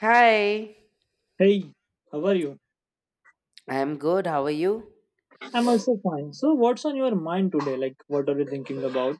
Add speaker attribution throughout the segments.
Speaker 1: Hi.
Speaker 2: Hey, how are you?
Speaker 1: I'm good. How are you?
Speaker 2: I'm also fine. So, what's on your mind today? Like, what are you thinking about?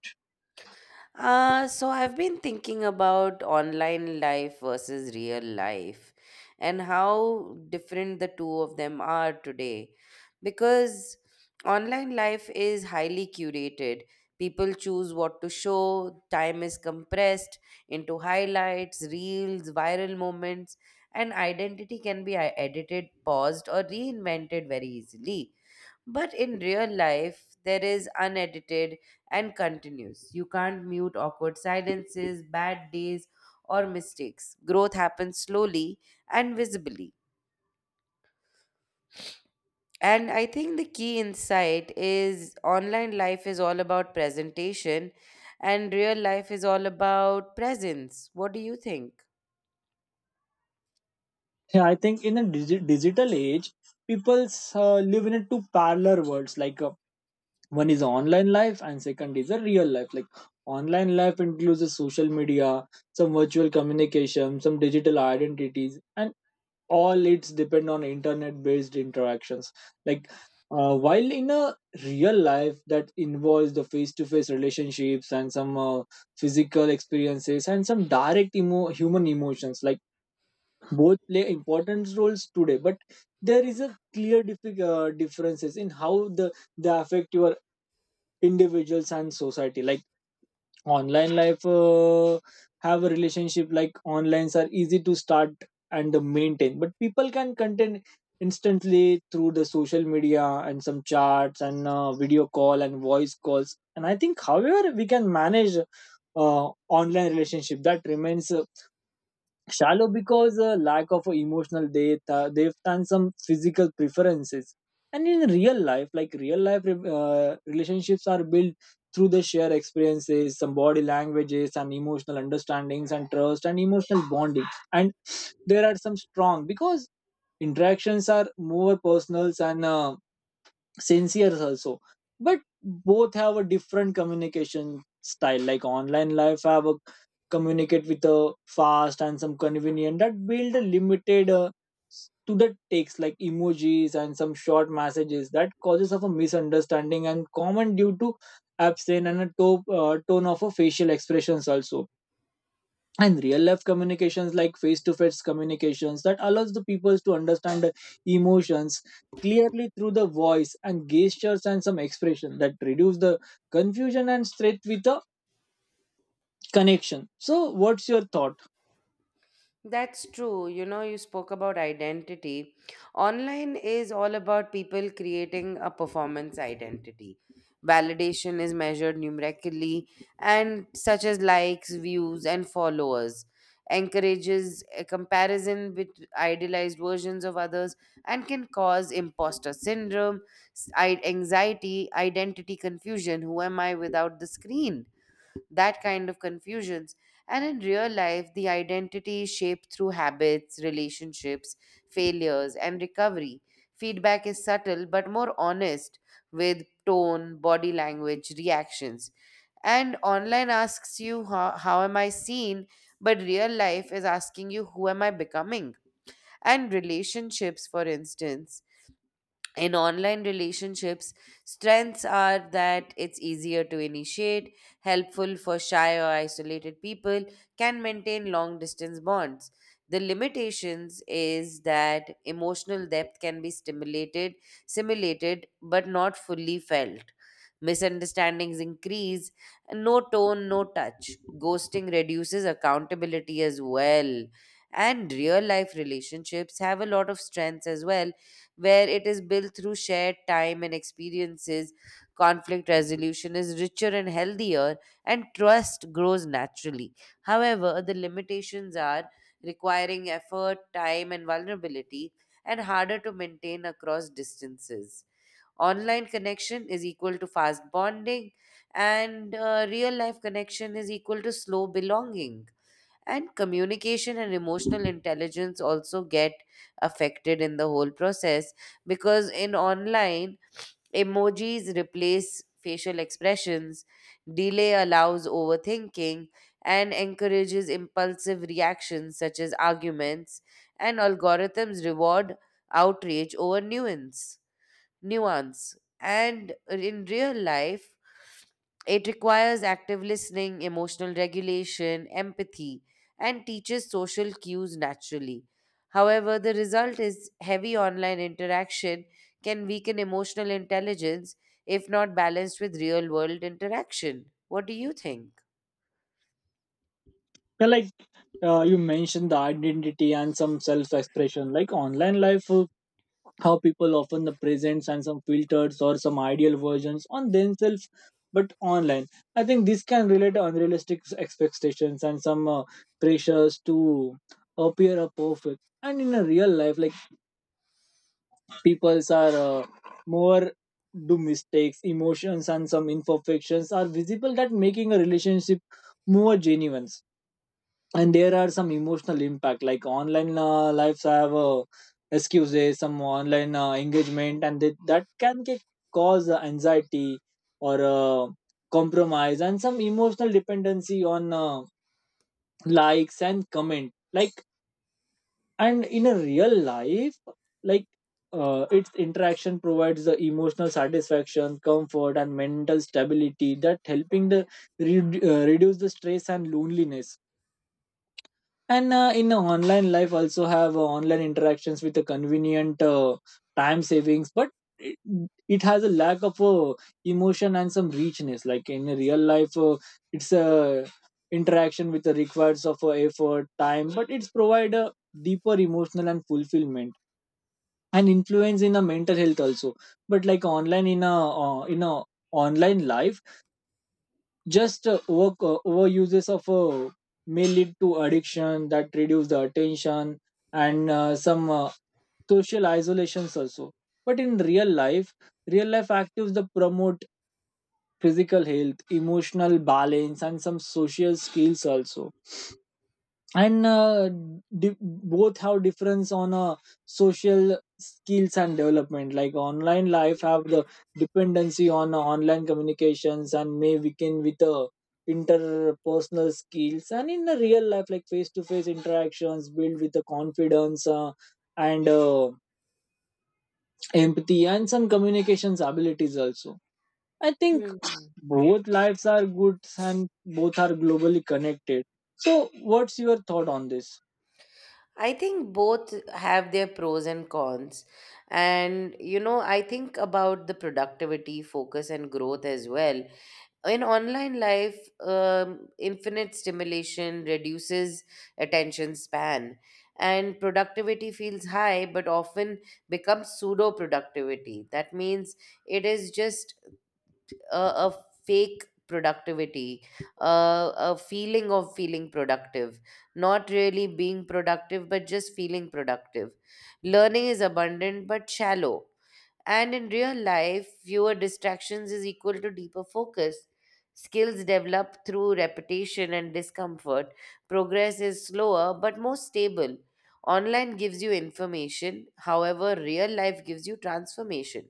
Speaker 1: So I've been thinking about online life versus real life and how different the two of them are today. Because online life is highly curated. People choose what to show, time is compressed into highlights, reels, viral moments, and identity can be edited, paused, or reinvented very easily. But in real life, there is unedited and continuous. You can't mute awkward silences, bad days, or mistakes. Growth happens slowly and visibly. And I think the key insight is online life is all about presentation, and real life is all about presence. What do you think?
Speaker 2: Yeah, I think in a digital age, people live in a two parallel worlds. Like one is online life, and second is a real life. Like online life includes a social media, some virtual communication, some digital identities, and all it's depend on internet based interactions like while in a real life that involves the face to face relationships and some physical experiences and some direct human emotions like both play important roles today, but there is a clear differences in how they affect your individuals and society. Like online life have a relationship like onlines are easy to start and maintain, but people can contain instantly through the social media and some chats and video call and voice calls. And I think however we can manage online relationship that remains shallow because lack of emotional depth depth and some physical preferences. And in real life, like real life, relationships are built through the shared experiences, some body languages and emotional understandings and trust and emotional bonding, and there are some strong because interactions are more personal and sincere also. But both have a different communication style. Like online life have a communicate with a fast and some convenient that build a limited to the takes like emojis and some short messages that causes of a misunderstanding and common due to absent and a tone of a facial expressions also. And real life communications like face to face communications that allows the people to understand the emotions clearly through the voice and gestures and some expression that reduce the confusion and straight with the connection. So what's your thought?
Speaker 1: That's true. You know, you spoke about identity. Online is all about people creating a performance identity. Validation is measured numerically, and such as likes, views, and followers, encourages a comparison with idealized versions of others and can cause imposter syndrome, anxiety, identity confusion. Who am I without the screen? That kind of confusions. And in real life, the identity is shaped through habits, relationships, failures, and recovery. Feedback is subtle but more honest with tone, body language, reactions. And online asks you, how am I seen? But real life is asking you, who am I becoming? And relationships, for instance, in online relationships, strengths are that it's easier to initiate, helpful for shy or isolated people, can maintain long distance bonds. The limitations is that emotional depth can be simulated, but not fully felt. Misunderstandings increase, no tone, no touch. Ghosting reduces accountability as well. And real life relationships have a lot of strengths as well, where it is built through shared time and experiences, conflict resolution is richer and healthier, and trust grows naturally. However, the limitations are requiring effort, time, and vulnerability, and harder to maintain across distances. Online connection is equal to fast bonding, and real life connection is equal to slow belonging, and communication and emotional intelligence also get affected in the whole process because in online, emojis replace facial expressions, delay allows overthinking and encourages impulsive reactions such as arguments, and algorithms reward outrage over nuance. And in real life, it requires active listening, emotional regulation, empathy, and teaches social cues naturally. However, the result is heavy online interaction can weaken emotional intelligence if not balanced with real world interaction. What do you think?
Speaker 2: Uh, like you mentioned the identity and some self expression. Like online life, how people often present and some filters or some ideal versions on themselves, but online I think this can relate to unrealistic expectations and some pressures to appear a perfect. And in a real life, like people's are more do mistakes, emotions and some imperfections are visible that making a relationship more genuine. And there are some emotional impact like online lives have excuses some online engagement and that can cause anxiety or compromise and some emotional dependency on likes and comment like. And in a real life, like its interaction provides the emotional satisfaction, comfort and mental stability that helping the reduce the stress and loneliness. And in online life also have online interactions with a convenient time savings, but it, it has a lack of emotion and some richness. Like in a real life, it's a interaction with the requires of effort time, but it's provide a deeper emotional and fulfillment and influence in the mental health also. But like online in a online life, just overuses of may lead to addiction that reduce the attention and some social isolations also. But in real life, real life actives that promote physical health, emotional balance and some social skills also. And both have difference on social skills and development. Like online life have the dependency on online communications and may weaken with interpersonal skills. And in the real life, like face to face interactions build with the confidence and empathy and some communications abilities also, I think
Speaker 1: Hmm.
Speaker 2: both lives are good and both are globally connected. So what's your thought on this?
Speaker 1: I think both have their pros and cons. And, you know, I think about the productivity, focus, and growth as well. In online life, infinite stimulation reduces attention span, and productivity feels high but often becomes pseudo productivity. That means it is just a fake productivity, a feeling of feeling productive, not really being productive but just feeling productive. Learning is abundant but shallow, and in real life, fewer distractions is equal to deeper focus. Skills develop through repetition and discomfort. Progress is slower but more stable. Online gives you information; however, real life gives you transformation.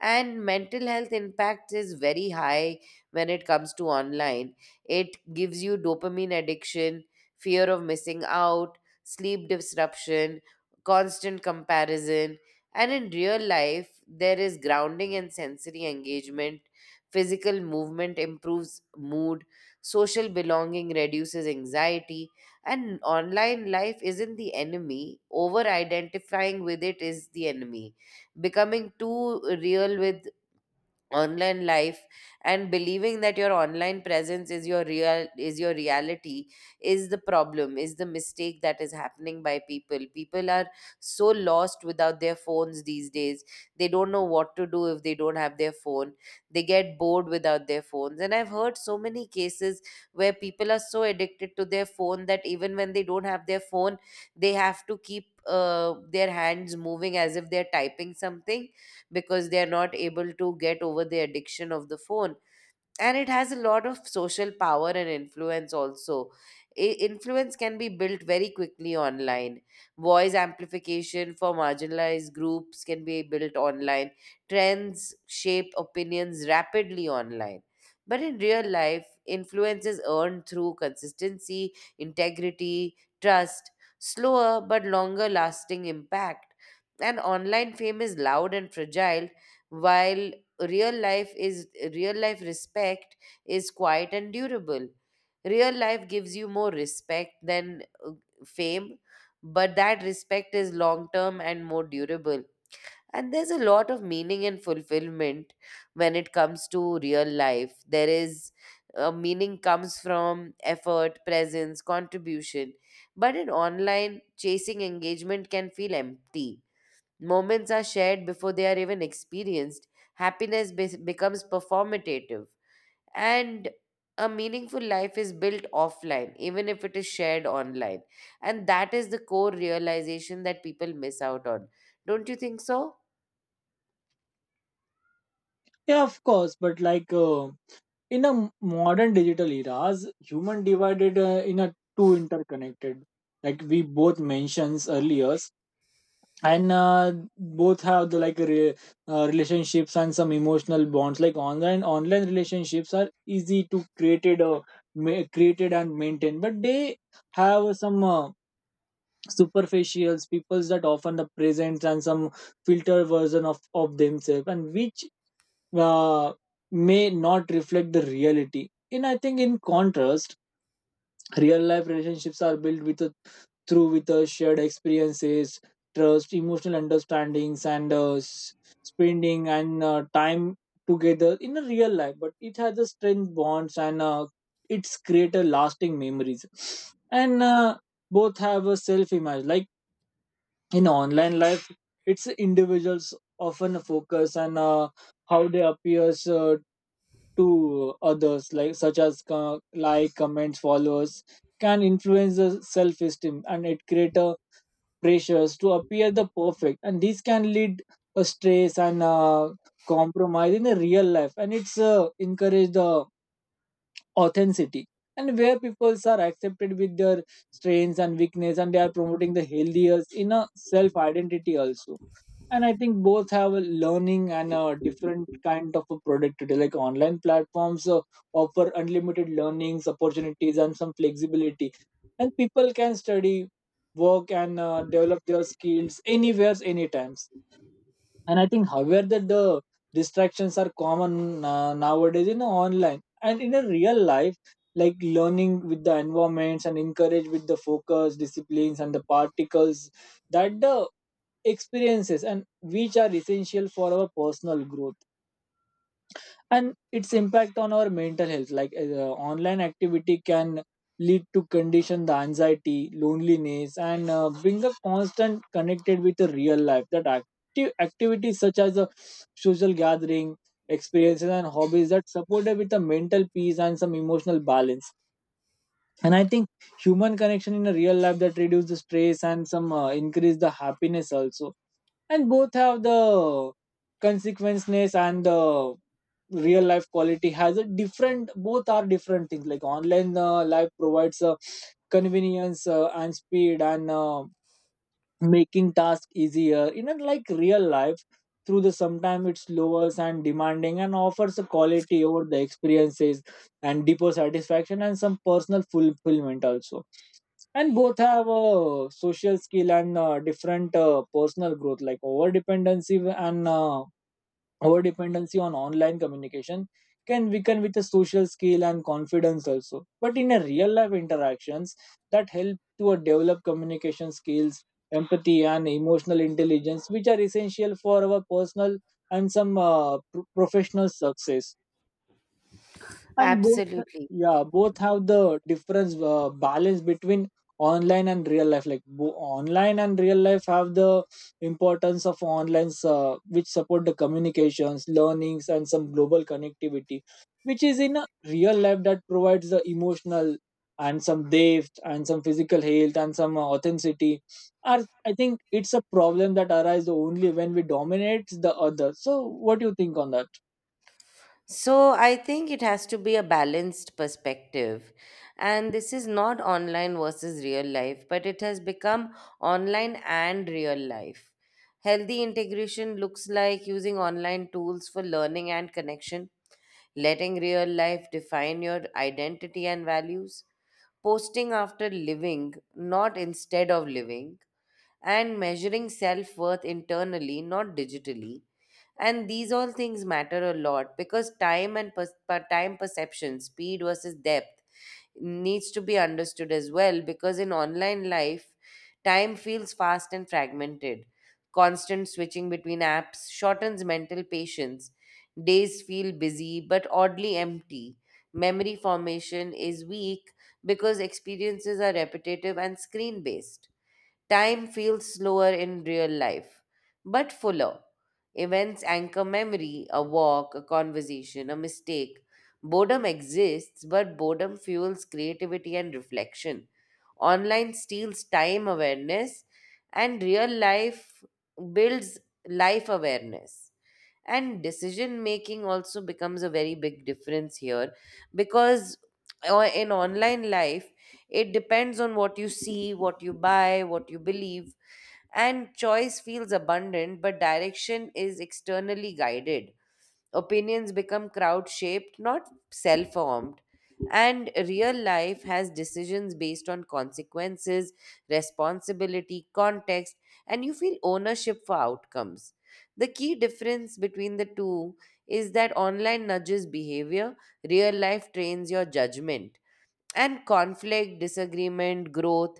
Speaker 1: And mental health impact is very high. When it comes to online, it gives you dopamine addiction, fear of missing out, sleep disruption, constant comparison. And in real life, there is grounding and sensory engagement, physical movement improves mood, social belonging reduces anxiety. And online life isn't the enemy; over identifying with it is the enemy. Becoming too real with online life and believing that your online presence is your real, is your reality, is the problem, is the mistake that is happening by people. People are so lost without their phones these days. They don't know what to do if they don't have their phone. They get bored without their phones, and I've heard so many cases where people are so addicted to their phone that even when they don't have their phone, they have to keep their hands moving as if they're typing something, because they are not able to get over the addiction of the phone. And it has a lot of social power and influence also. Influence can be built very quickly online, voice amplification for marginalized groups can be built online, trends shape opinions rapidly online. But in real life, influence is earned through consistency, integrity, trust, slower but longer lasting impact. And online fame is loud and fragile, while real life is, real life respect is quiet and durable. Real life gives you more respect than fame, but that respect is long term and more durable. And there's a lot of meaning and fulfillment when it comes to real life. There is, meaning comes from effort, presence, contribution. But in online, chasing engagement can feel empty. Moments are shared before they are even experienced. Happiness becomes performative. And a meaningful life is built offline, even if it is shared online. And that is the core realization that people miss out on. Don't you think so?
Speaker 2: Yeah, of course, but like in a modern digital eras, human divided in a two interconnected, like we both mentions earlier, and both have the like relationships and some emotional bonds. Like online relationships are easy to created, created and maintain, but they have some. Superficials peoples that often the present and some filter version of themselves and which uh, may not reflect the reality. And I think, in contrast, real life relationships are built with a, through with a shared experiences, trust, emotional understandings, and spending and time together in a real life. But it has a strength bonds and it's create a lasting memories. And both have a self image. Like in online life, it's individuals often focus on how they appears to others, like such as like comments, followers can influence the self-esteem and it create a pressures to appear the perfect and this can lead a stress and compromise. In the real life, and it's encourage the authenticity and where people are accepted with their strengths and weakness and they are promoting the healthier in a self identity also. And I think both have a learning and a different kind of a productivity. Like online platforms offer unlimited learnings opportunities and some flexibility, and people can study, work and develop their skills anywhere, anytimes. And I think however that the distractions are common nowadays in online. And in a real life, like learning with the environments and encourage with the focus disciplines and the particles that the experiences and which are essential for our personal growth and its impact on our mental health. Like online activity can lead to condition the anxiety, loneliness and bring a constant connected with the real life that active activities such as a social gathering experiences and hobbies that supported with the mental peace and some emotional balance. And I think human connection in a real life that reduce the stress and some increase the happiness also. And both have the consequences and the real life quality has a different, both are different things. Like online life provides a convenience and speed and making tasks easier in a, like real life through the sometimes it's slower and demanding and offers a quality over the experiences and deeper satisfaction and some personal fulfillment also. And both have a social skill and different personal growth. Like over dependency and our dependency on online communication can weaken with the social skill and confidence also. But in a real life interactions that help to develop communication skills, empathy and emotional intelligence, which are essential for our personal and some professional success. And both,
Speaker 1: Absolutely.
Speaker 2: yeah, both have the difference, balance between online and real life. Like online and real life have the importance of online which support the communications, learnings and some global connectivity, which is in a real life that provides the emotional and some depth and some physical health and some authenticity are, I think it's a problem that arises only when we dominate the other. So what do you think on that?
Speaker 1: So I think it has to be a balanced perspective. And this is not online versus real life, but it has become online and real life. Healthy integration looks like using online tools for learning and connection, letting real life define your identity and values, posting after living, not instead of living, and measuring self worth internally, not digitally. And these all things matter a lot because time and time perception, speed versus depth, needs to be understood as well. Because in online life, time feels fast and fragmented, constant switching between apps shortens mental patience, days feel busy but oddly empty, memory formation is weak because experiences are repetitive and screen based. Time feels slower in real life, but fuller. Events anchor memory, a walk, a conversation, a mistake. Boredom exists, but boredom fuels creativity and reflection. Online steals time awareness, and real life builds life awareness. And decision making also becomes a very big difference here because in online life, it depends on what you see, what you buy, what you believe, and choice feels abundant, but direction is externally guided. Opinions become crowd shaped, not self formed. And real life has decisions based on consequences, responsibility, context, and you feel ownership for outcomes. The key difference between the two is that online nudges behavior, real life trains your judgment. And conflict, disagreement, growth,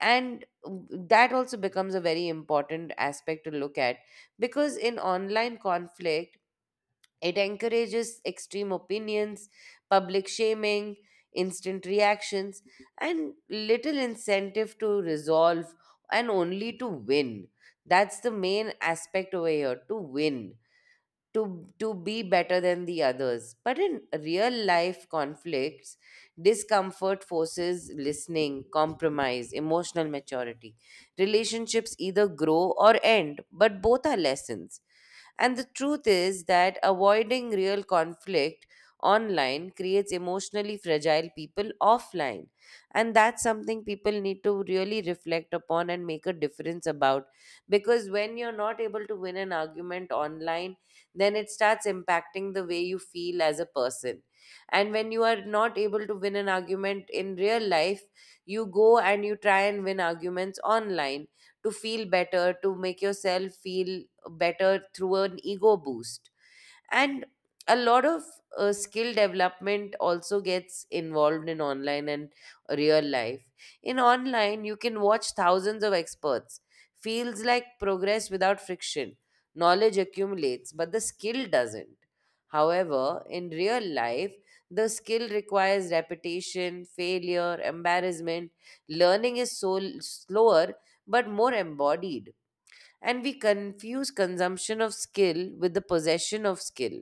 Speaker 1: and that also becomes a very important aspect to look at. Because in online conflict, it encourages extreme opinions, public shaming, instant reactions, and little incentive to resolve and only to win. That's the main aspect over here, to win, to to be better than the others. But in real life conflicts, discomfort forces listening, compromise, emotional maturity. Relationships either grow or end, but both are lessons. And the truth is that avoiding real conflict online creates emotionally fragile people offline. And that's something people need to really reflect upon and make a difference about. Because when you're not able to win an argument online, then it starts impacting the way you feel as a person. And when you are not able to win an argument in real life, you go and you try and win arguments online to feel better, to make yourself feel better through an ego boost. And a lot of skill development also gets involved in online and real life. In online, you can watch thousands of experts. Feels like progress without friction. Knowledge accumulates, but the skill doesn't. However, in real life, the skill requires repetition, failure, embarrassment. Learning is so slower but more embodied, and we confuse consumption of skill with the possession of skill.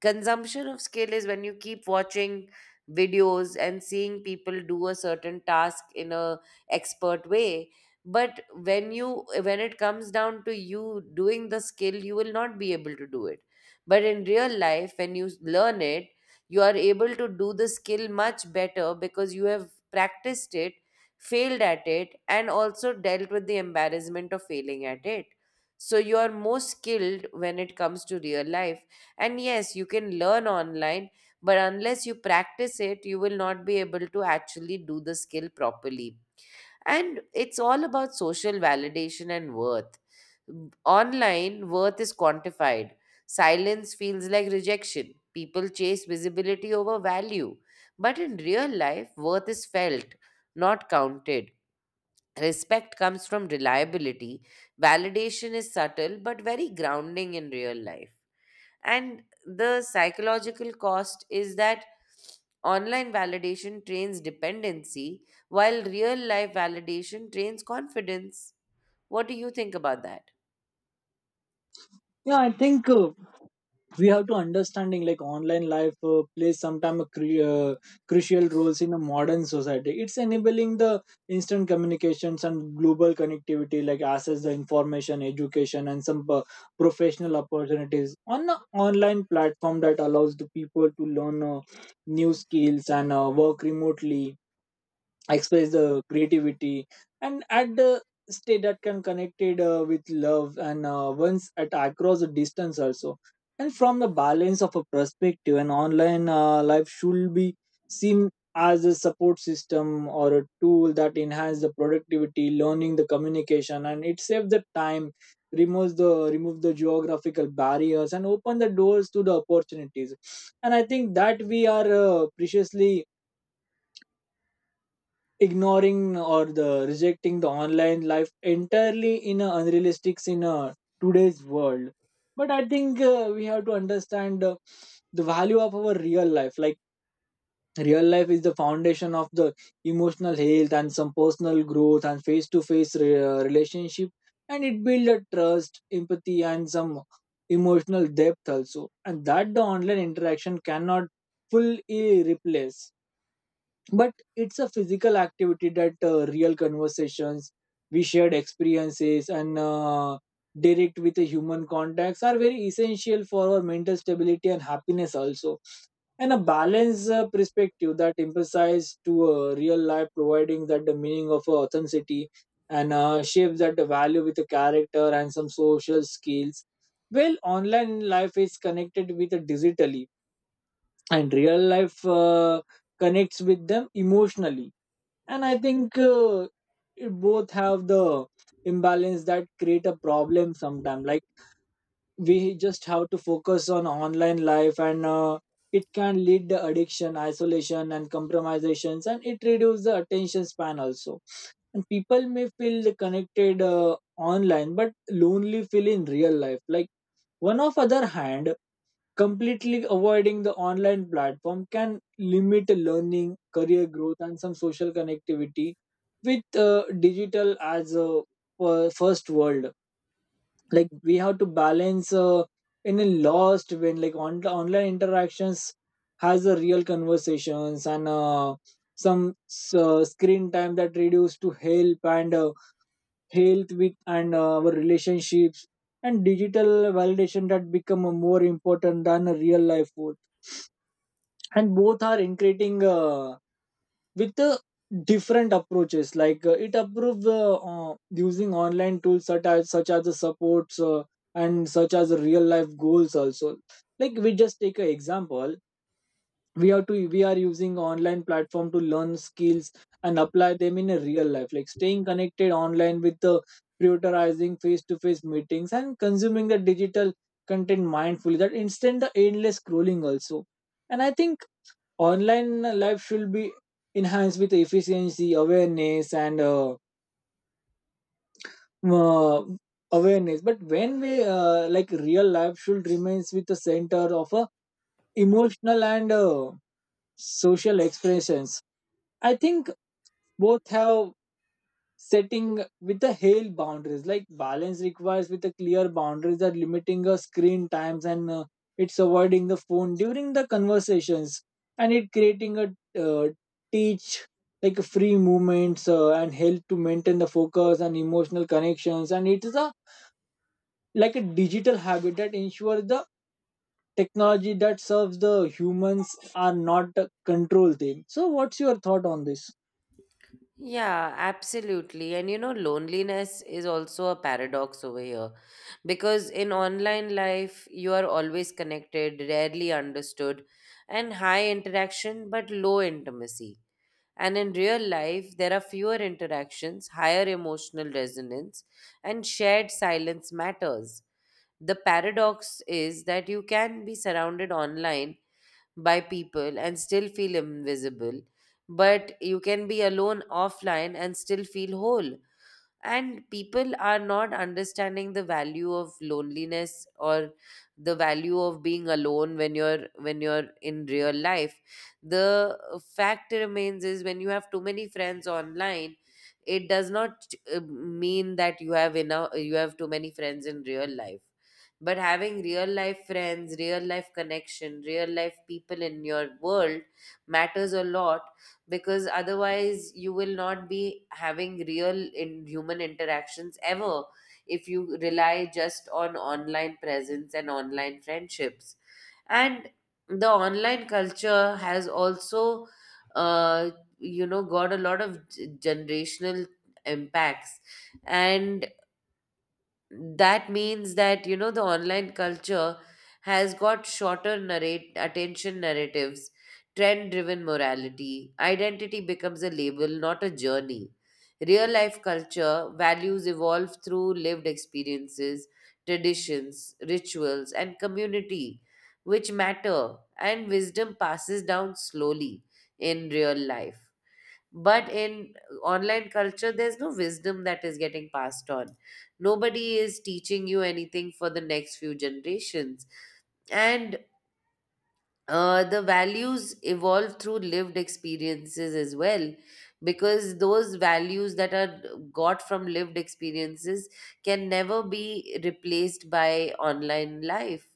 Speaker 1: Consumption of skill is when you keep watching videos and seeing people do a certain task in a expert way. But when you, when it comes down to you doing the skill, you will not be able to do it. But in real life, when you learn it, you are able to do the skill much better because you have practiced it, failed at it, and also dealt with the embarrassment of failing at it. So you are more skilled when it comes to real life, and yes, you can learn online, but unless you practice it, you will not be able to actually do the skill properly. And it's all about social validation and worth. Online, worth is quantified. Silence feels like rejection. People chase visibility over value. But in real life, worth is felt, not counted. Respect comes from reliability. Validation is subtle but very grounding in real life. And the psychological cost is that online validation trains dependency, while real life validation trains confidence. What do you think about that?
Speaker 2: Yeah, I think we have to understanding like online life plays sometimes crucial roles in a modern society. It's enabling the instant communications and global connectivity, like access the information, education and some professional opportunities on an online platform that allows the people to learn new skills and work remotely, express the creativity and at the state that can connected with love and once at across the distance also. And from the balance of a perspective, an online life should be seen as a support system or a tool that enhance the productivity, learning, the communication and it saves the time, removes the remove the geographical barriers and open the doors to the opportunities. And I think that we are preciously ignoring or the rejecting the online life entirely in a unrealistic in a today's world. But I think we have to understand the value of our real life. Like real life is the foundation of the emotional health and some personal growth and face to face relationship, and it builds a trust, empathy and some emotional depth also, and that the online interaction cannot fully replace. But it's a physical activity that real conversations, we shared experiences and direct with the human contacts are very essential for our mental stability and happiness also. And a balanced perspective that emphasizes to real life providing that the meaning of authenticity and shapes that the value with the character and some social skills. Well, online life is connected with the digitally and real life connects with them emotionally. And I think it both have the imbalance that create a problem sometimes. Like we just have to focus on online life and it can lead to addiction, isolation and compromisations and it reduces the attention span also. And people may feel connected online but lonely feel in real life like One of other hand, completely avoiding the online platform can limit learning, career growth, and some social connectivity with digital as a first world. Like, we have to balance in a lost when like online interactions has a real conversations, and some screen time that reduce to help and health with and our relationships, and digital validation that become a more important than a real life work. And both are increasing with different approaches. Like, it approve using online tools such as the supports, and such as the real life goals also. Like, we just take an example. We have to We are using online platform to learn skills and apply them in a real life, like staying connected online with the prioritizing face to face meetings and consuming the digital content mindfully that instead the endless scrolling also. And I think online life should be enhanced with efficiency, awareness, and uh, awareness. But when we like real life should remains with the center of a emotional and social expressions. I think both have setting with the hail boundaries. Like, balance requires with the clear boundaries that limiting screen times, and it's avoiding the phone during the conversations. And it creating a uh, teach, like free movements, and help to maintain the focus and emotional connections. And it is a like a digital habit that ensures the technology that serves the humans are not control them. So what's your thought on this?
Speaker 1: Yeah, absolutely. And you know, loneliness is also a paradox over here because in online life, you are always connected, rarely understood, and high interaction but low intimacy. And in real life, there are fewer interactions, higher emotional resonance, and shared silence matters. The paradox is that you can be surrounded online by people and still feel invisible, but you can be alone offline and still feel whole. And people are not understanding the value of loneliness or the value of being alone when you're in real life. The fact remains is when you have too many friends online, it does not mean that you have enough. You have too many friends in real life. But having real life friends, real life connection, real life people in your world matters a lot, because otherwise you will not be having real in human interactions ever if you rely just on online presence and online friendships. And the online culture has also uh, you know got a lot of generational impacts. And that means that, you know, the online culture has got shorter narrate attention narratives, trend driven morality. Identity becomes a label, not a journey. Real life culture values evolve through lived experiences, traditions, rituals and community, which matter, and wisdom passes down slowly in real life. But in online culture, there's no wisdom that is getting passed on. Nobody is teaching you anything for the next few generations. And the values evolve through lived experiences as well, because those values that are got from lived experiences can never be replaced by online life.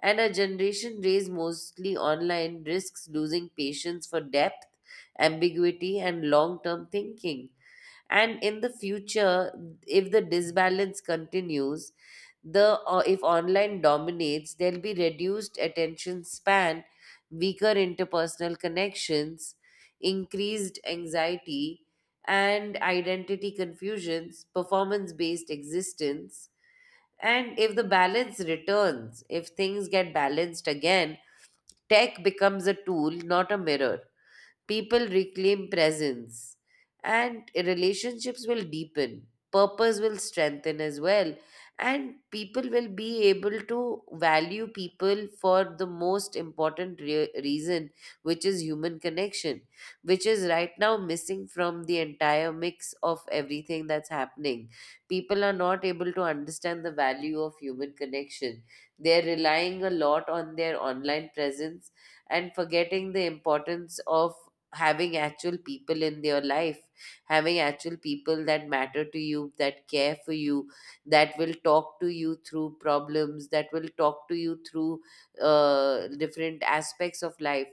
Speaker 1: And a generation raised mostly online risks losing patience for depth, ambiguity and long term thinking. And in the future, if the disbalance continues, the or if online dominates, there'll be reduced attention span, weaker interpersonal connections, increased anxiety and identity confusions, performance based existence. And if the balance returns, if things get balanced again, tech becomes a tool, not a mirror. People reclaim presence and relationships will deepen. Purpose will strengthen as well. And people will be able to value people for the most important reason, which is human connection, which is right now missing from the entire mix of everything that's happening. People are not able to understand the value of human connection. They're relying a lot on their online presence and forgetting the importance of having actual people in your life, having actual people that matter to you, that care for you, that will talk to you through problems, that will talk to you through different aspects of life.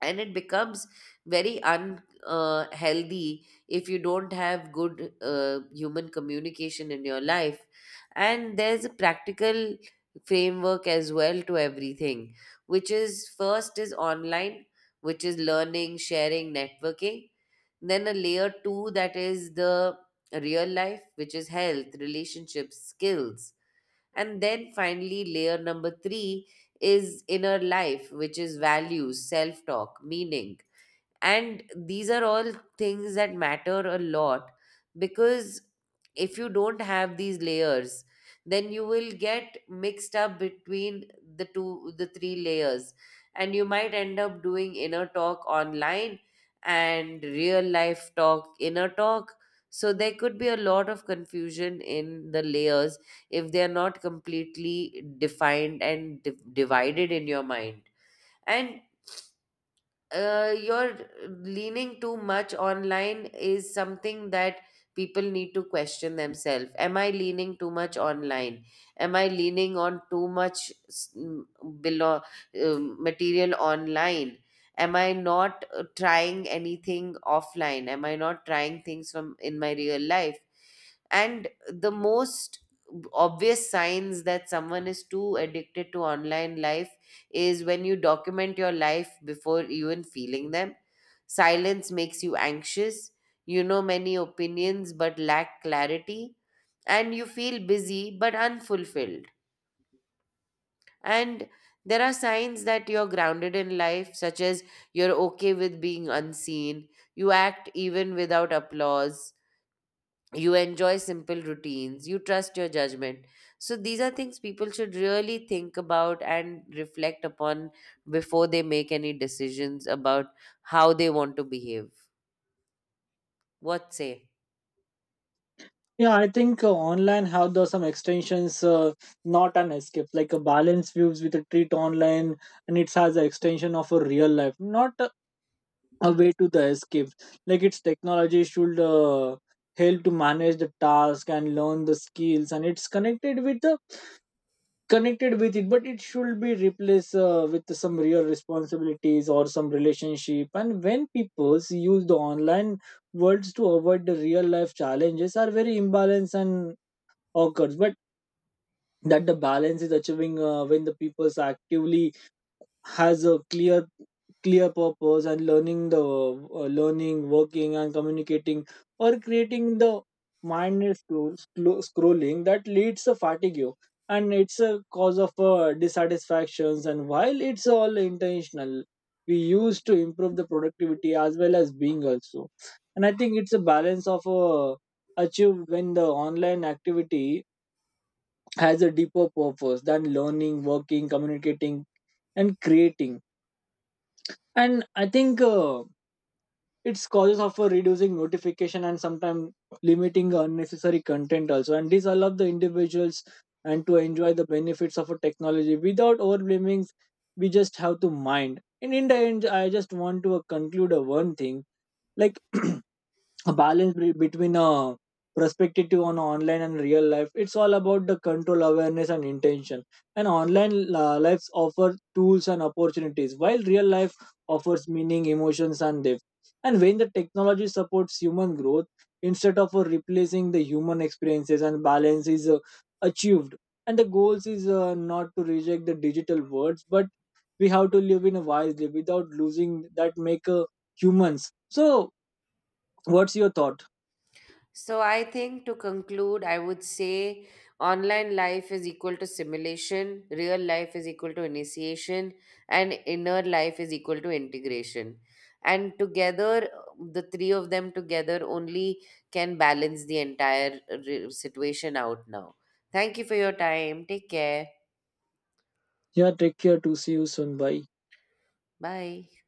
Speaker 1: And it becomes very unhealthy if you don't have good human communication in your life. And there's a practical framework as well to everything, which is first is online, which is learning, sharing, networking. Then a layer 2, that is the real life, which is health, relationships, skills. And then finally, layer number three is inner life, which is values, self talk, meaning. And these are all things that matter a lot, because if you don't have these layers, then you will get mixed up between the three layers, and you might end up doing inner talk online and real life talk inner talk. So there could be a lot of confusion in the layers if they are not completely defined and divided in your mind. And you're leaning too much online is something that people need to question themselves. Am I leaning too much online? Am I leaning on too much below material online? Am I not trying anything offline? Am I not trying things from in my real life? And the most obvious signs that someone is too addicted to online life is when you document your life before even feeling them. Silence makes you anxious. You know many opinions but lack clarity. And you feel busy but unfulfilled. And there are signs that you're grounded in life, such as you're okay with being unseen, you act even without applause, you enjoy simple routines, you trust your judgment. So these are things people should really think about and reflect upon before they make any decisions about how they want to behave. What say?
Speaker 2: Yeah, I think online have the some extensions, not an escape, like a balance views with a treat online, and it has an extension of a real life, not a, a way to the escape. Like, its technology should help to manage the task and learn the skills, and it's connected with the connected with it, but it should be replaced with some real responsibilities or some relationship. And when people use the online words to avoid the real life challenges, are very imbalanced and occurs. But that the balance is achieving when the people actively has a clear purpose and learning the learning, working, and communicating or creating the mindless scrolling that leads to fatigue, and it's a cause of dissatisfactions. And while it's all intentional, we use to improve the productivity as well as being also. And I think it's a balance of achieved when the online activity has a deeper purpose than learning, working, communicating, and creating. And I think its causes of reducing notification and sometimes limiting unnecessary content also. And this allows the individuals and to enjoy the benefits of a technology without overblaming. We just have to mind. And in the end, I just want to conclude one thing like a balance between a perspective on online and real life, it's all about the control, awareness, and intention. And online lives offer tools and opportunities, while real life offers meaning, emotions, and depth. And when the technology supports human growth instead of replacing the human experiences, and balance is achieved. And the goals is not to reject the digital worlds, but we have to live in a wisely without losing that make humans. So what's your thought?
Speaker 1: So I think to conclude, I would say online life is equal to simulation, real life is equal to initiation, and inner life is equal to integration. And together, the three of them together only can balance the entire situation out now. Thank you for your time. Take care.
Speaker 2: Yeah, take care. To see you soon. Bye.
Speaker 1: Bye.